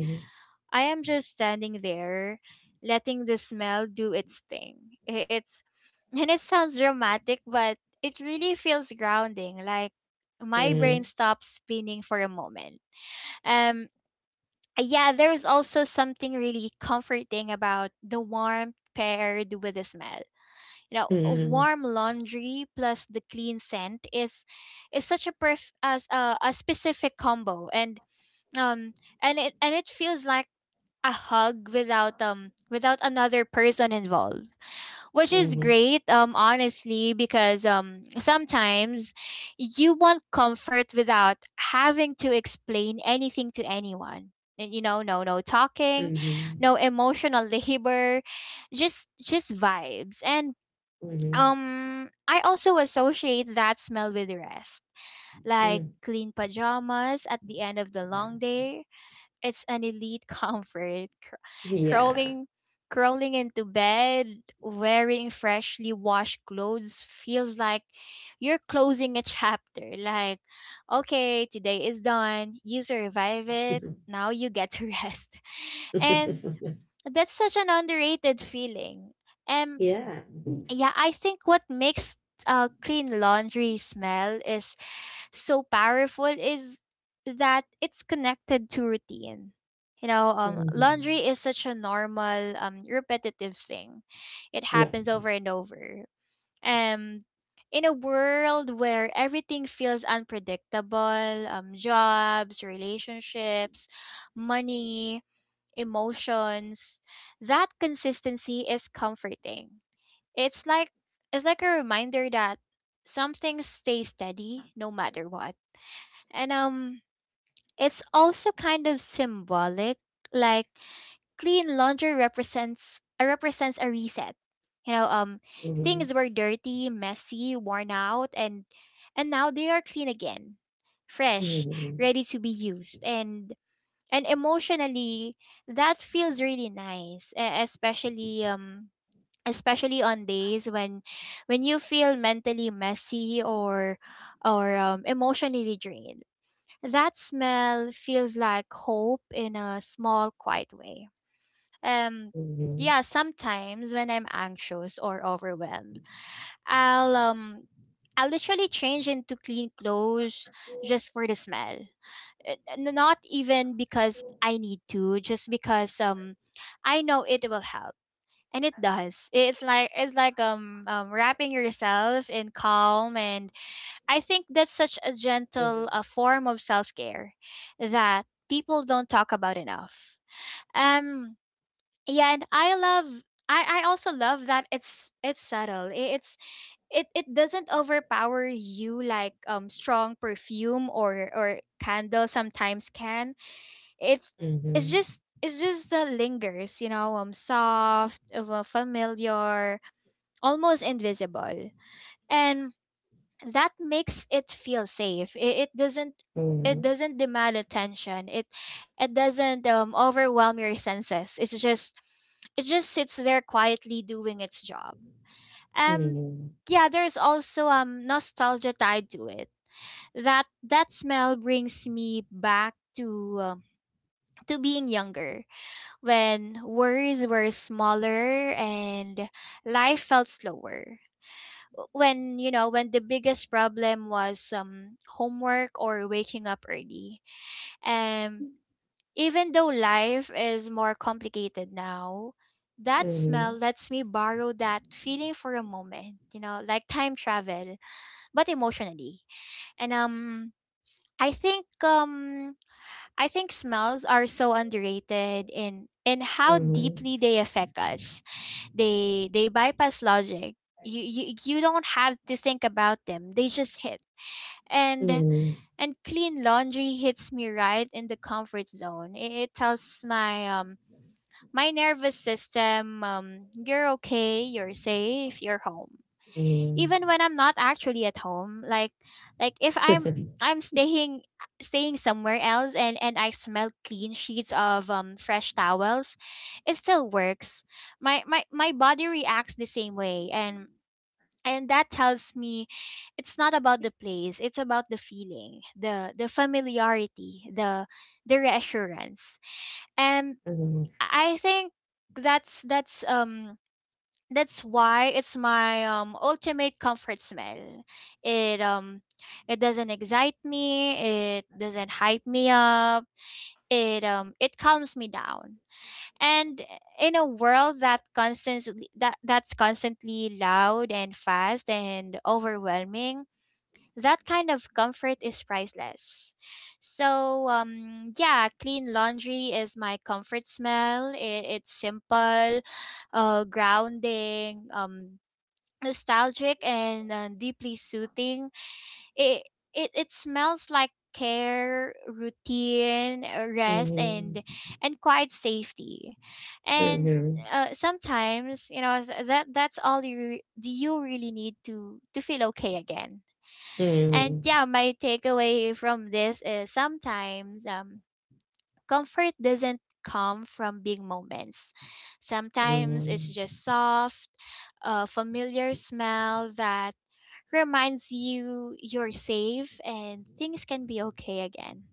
I am just standing there letting the smell do its thing. It's and it sounds dramatic, but it really feels grounding. Like my brain
Mhm.
stops spinning for a moment. Um yeah, there's also something really comforting about the warmth paired with the smell. You know, a warm laundry plus the clean scent is such a as a specific combo, um and it feels like a hug without without another person involved, which
Mhm. Mhm.
is
Mhm.
great, honestly, because sometimes you want comfort without having to explain anything to anyone. And, you know, no talking, no emotional labor, just vibes. and
Mhm. Mhm.
um I also associate that smell with rest, like
Mhm.
clean pajamas at the end of the long day. It's an elite comfort.
Yeah.
Crawling crawling into bed wearing freshly washed clothes feels like you're closing a chapter. Like, okay, today is done. You survive it. Now you get to rest. And that's such an underrated feeling. Um
Yeah.
yeah, I think what makes clean laundry smell is so powerful is that it's connected to routine. You know,
Mhm.
laundry is such a normal, repetitive thing. It
Yeah.
happens over and over. Um, in a world where everything feels unpredictable, jobs, relationships, money, emotions, that consistency is comforting. It's like it's like a reminder that some things stay steady no matter what. And it's also kind of symbolic, like clean laundry represents, represents a reset. You know,
Mhm.
things were dirty, messy, worn out, and now they are clean again. Fresh,
Mhm.
ready to be used, and emotionally that feels really nice, especially especially on days when you feel mentally messy, or emotionally drained. That smell feels like hope in a small, quiet way. um
Mhm.
yeah, sometimes when I'm anxious or overwhelmed, i'll um I'll literally change into clean clothes just for the smell. Not even because I need to, just because I know it will help. And it does. It's like wrapping yourself in calm, and I think that's such a gentle, form of self care that people don't talk about enough. Um, yeah, and I love. I also love that it's subtle. It doesn't overpower you like strong perfume or candle sometimes can. It's it's just the lingers, you know, soft, familiar, almost invisible. And that makes it feel safe. it, it doesn't
Mhm. Mhm.
it
Mhm.
doesn't demand attention. It doesn't overwhelm your senses. It just sits there quietly doing its job. um yeah, there's also nostalgia tied to it. That smell brings me back to, to being younger, when worries were smaller and life felt slower, when, you know, when the biggest problem was homework or waking up early. And even though life is more complicated now, that smell
Mhm.
lets me borrow that feeling for a moment, you know, like time travel, but emotionally. And i think um I think smells are so underrated in how
Mhm.
deeply they affect us. They bypass logic. You don't have to think about them. They just hit. And
Mhm.
and clean laundry hits me right in the comfort zone. It tells my my nervous system, you're okay, you're safe, you're home,
Mhm.
even
Mhm.
when I'm not actually at home. Like if I'm I'm staying somewhere else and I smell clean sheets of fresh towels, it still works. My body reacts the same way, and that tells me it's not about the place, it's about the feeling, the familiarity, the reassurance. And
Mhm,
I think that's that's um that's why it's my ultimate comfort smell. It um it doesn't excite me, it doesn't hype me up. It calms me down. And in a world that that's constantly loud and fast and overwhelming, that kind of comfort is priceless. So yeah, clean laundry is my comfort smell. It's simple, grounding, nostalgic, and deeply soothing. It, it smells like care, routine, rest, and
mhm,
and quiet safety. And
mhm,
uh, sometimes, you know, that that's all do you really need to feel okay again. And
mhm,
yeah, my takeaway from this is sometimes comfort doesn't come from big moments. Sometimes it's
mhm,
just soft, a familiar smell that reminds you you're safe and things can be okay again.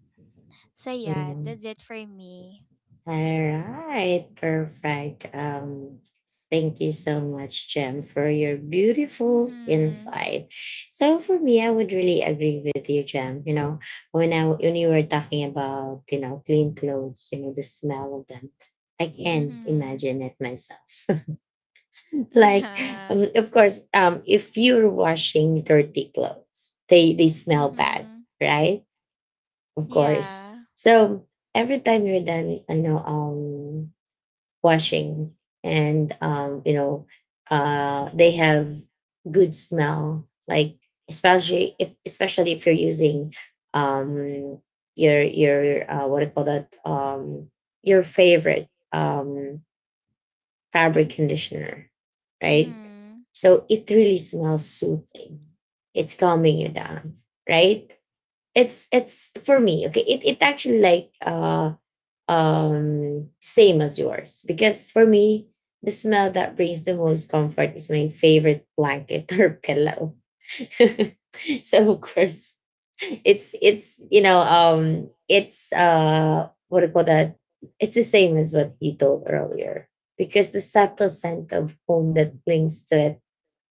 So yeah,
mhm.
that's it for me.
All right, perfect. Thank you so much, Jem, for your beautiful
Mhm.
insight. So for me, I would really agree with you, Jem. When you were talking about clean clothes, the smell of them, I can
Mhm.
imagine it myself. like,
Yeah.
of course, if you're washing dirty clothes, they smell bad,
Mhm.
right? Of course.
Yeah.
So every time you're done, I know washing and they have good smell, like especially if you're using, um, your what do you call that your favorite fabric conditioner, right?
Mhm.
So it really smells soothing. It's calming you down, right? It's for me okay, it actually, like same as yours. Because for me, the smell that brings the most comfort is my favorite blanket or pillow. So of course, it's you know it's what do you call that it's the same as what you told earlier, because the subtle scent of home that clings to it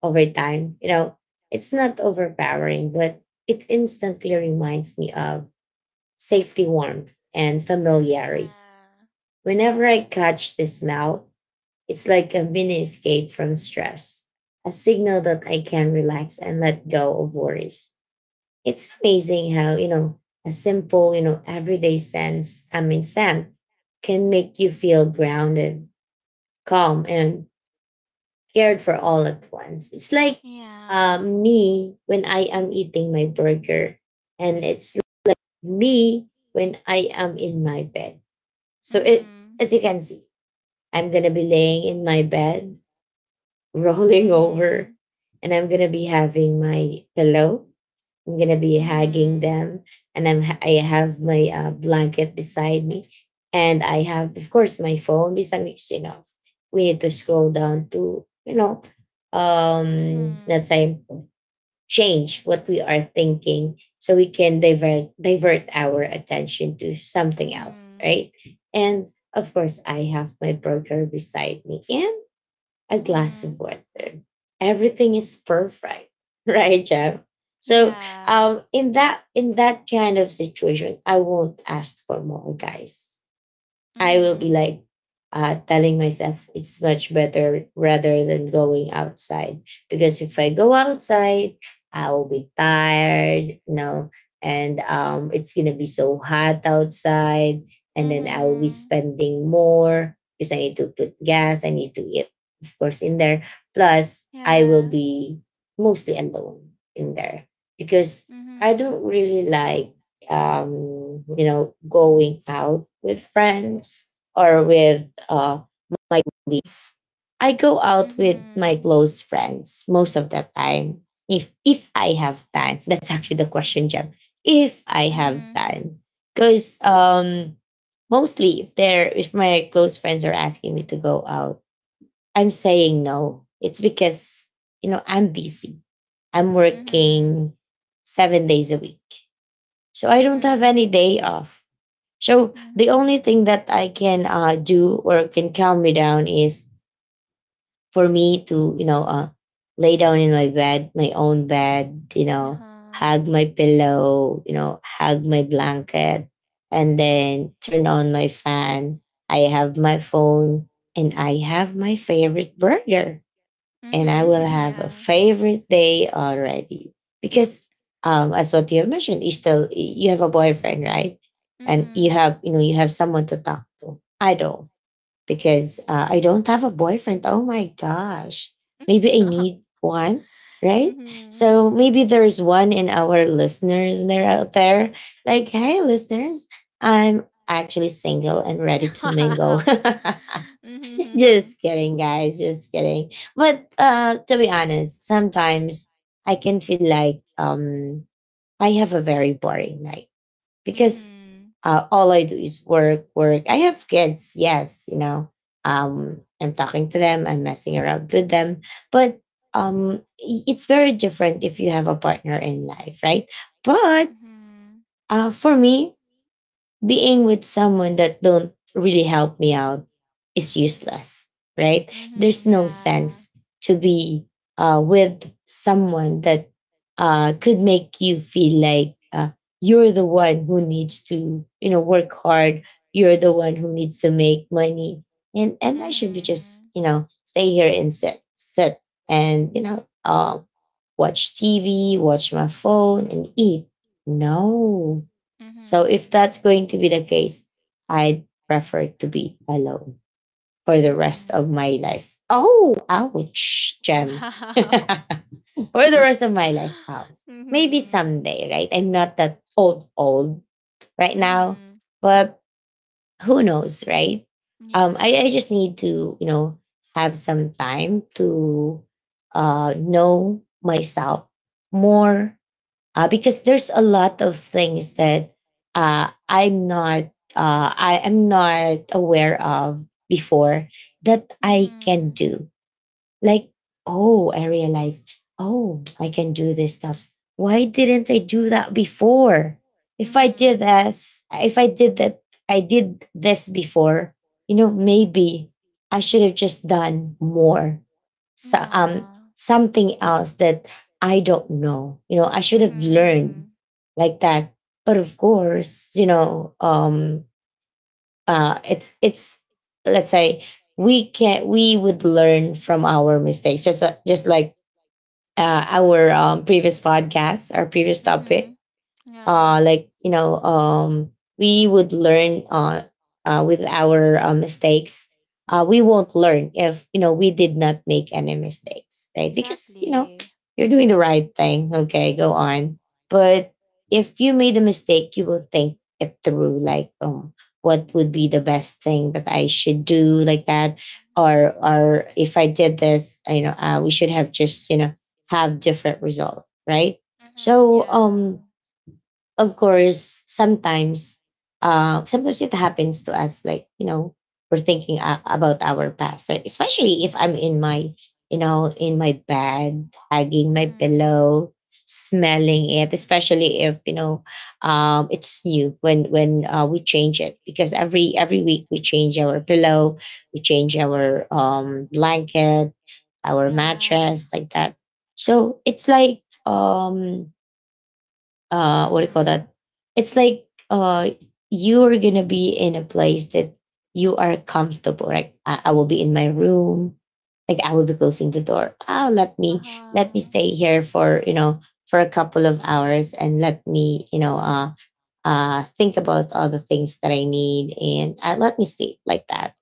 over time, it's not overpowering, but it instantly reminds me of safety, warmth, and familiarity.
Yeah.
Whenever I catch the smell, it's like a mini escape from stress, a signal that I can relax and let go of worries. It's amazing how, a simple, everyday scent can make you feel grounded, calm, and cared for all at once. It's like
Yeah.
me when I am eating my burger, and it's me when I am in my bed. So it,
Mhm.
as you can see, I'm going to be laying in my bed, rolling over,
Mhm.
and I'm going to be having my pillow. I'm going to be hugging
Mhm.
them, and I have my blanket beside me. And I have, of course, my phone beside me, 'cause we need to scroll down to,
Mhm.
let's say, change what we are thinking, so we can divert our attention to something else,
Mhm.
right? And of course, I have my burger beside me, and a glass
Mhm.
of water. Everything is perfect. Right, Jeff? So
Yeah.
in that kind of situation, I won't ask for more, guys. I will be
Mhm.
like, telling myself it's much better rather than going outside, because if I go outside, I will be tired, and it's gonna be so hot outside, and then I will be
Mhm.
spending more because I need to put gas, I need to eat, of course, in there. Plus, I will
Yeah.
be mostly alone in there, because I
Mhm.
don't really like, going out with friends or with my colleagues. I go out with my
Mhm.
close friends most of the time. If I have time, that's actually the question, Jem. If I have
Mhm.
time, because mostly, if my close friends are asking me to go out, I'm saying no. It's because I'm busy. I'm
Mhm.
working 7 days a week, so I don't have
Mhm.
any day off. So the
Mhm.
only thing that I can do or can calm me down is for me to, lay down in my bed, my own bed,
Uh-huh.
hug my pillow, hug my blanket, and then turn on my fan. I have my phone, and I have my favorite burger, and I will
Mhm.
have a
Yeah.
favorite day already, because as what you have mentioned, you have a boyfriend, right? And
Mhm.
you have someone to talk to. I don't, because I don't have a boyfriend. Oh my gosh, maybe I need one, right?
Mhm.
So
Mhm.
maybe there's one in our listeners there out there. Like, hey, listeners, I'm actually single and ready to mingle. Just kidding, guys. Just kidding. But to be honest, sometimes I can feel like I have a very boring night,
Wow.
because
Mhm.
all I do is work, work. I have kids, yes, you know. I'm talking to them. I'm messing around with them, but it's very different if you have a partner in life, right? But for me, being with someone that don't really help me out is useless, right? There's no sense to be with someone that could make you feel like you're the one who needs to, work hard, you're the one who needs to make money, and I should just, stay here and sit and, watch TV, watch my phone, and eat. No. So if that's going to be the case, I'd prefer to be alone for
Mhm. Mhm.
the rest of
Mhm.
my life. Oh, ouch,
Yeah. Mhm. Mhm.
Gem. For
Mhm. Wow.
the rest of my life. Ouch. Maybe someday, right? I'm not that old right now, but who knows, right? I just need to, have some time to, know myself more, because there's a lot of things that, uh, I'm not I am not aware of before, that I can do, like, oh, I realized, oh, I can do these stuffs. Why didn't I do that before? If I did this, if I did that, I did this before, you know, maybe I should have just done more.
Mhm. Mhm. Yeah. Mhm. Mhm.
So,
Yeah.
something else that I don't know. You know, I should have
Mm-hmm.
learned, like that. But of course, you know, it's let's say, we would learn from our mistakes, just like our previous podcast our previous
Mm-hmm.
topic.
Hmm. Yeah.
uh like you know um we would learn with our mistakes. We won't learn if, you know, we did not make any mistakes, right? Because, you know,
Exactly.
you're doing the right thing, okay, go on. But if you made a mistake, you will think it through, like, what would be the best thing that I should do, like that. or
Mm-hmm.
or if I did this, we should have just, you know, have different result, right?
Mm-hmm.
So
Yeah.
of course, sometimes, sometimes it happens to us, like, you know, we're thinking about our past, like, especially if I'm in my, you know, in my bed, hugging my
Mm-hmm.
pillow, smelling it, especially if, you know, it's new, when we change it, because every week, we change our pillow, we change
Mm-hmm.
our blanket, our mattress, like that. So it's like, what do you call
Mm-hmm.
that it's like you are gonna be in a place that you are comfortable, like I will be in my room, like I will be closing the door. Oh, let me
Uh-huh.
stay here for, for a couple of hours, and let me, think about all the things that I need, and let me sleep, like that.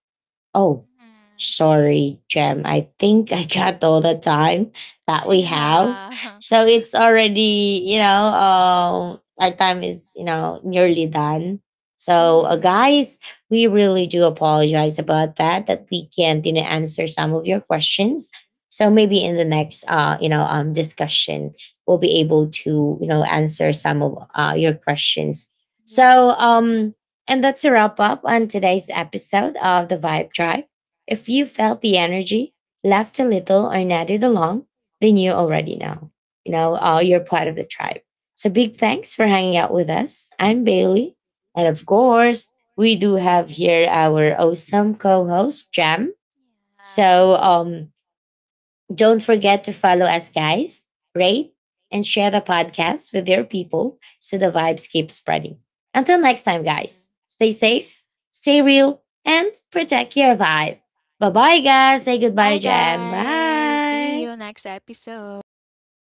Oh,
Mm-hmm.
sorry, Jem. I think I got all the time that we have.
Yeah.
So it's already, you know, our time is, you know, nearly done. So,
Mm-hmm.
guys, we really do apologize about that, that we can't, you know, answer some of your questions. So maybe in
Mm-hmm.
the next, discussion, we'll be able to, you know, answer some of your questions. So,
Yeah.
and that's a wrap up on today's episode of The Vibe Tribe. If you felt the energy, laughed a little, or nodded along, then you already know. You know, you're part of the tribe. So big thanks for hanging out with us. I'm Bailey. And of course, we do have here our awesome co host, Jam. So don't forget to follow us, guys, rate, and share the podcast with your people so the vibes keep spreading. Until next time, guys, stay safe, stay real, and protect your vibe. Bye bye, guys. Say goodbye, Jam. Bye. Yeah.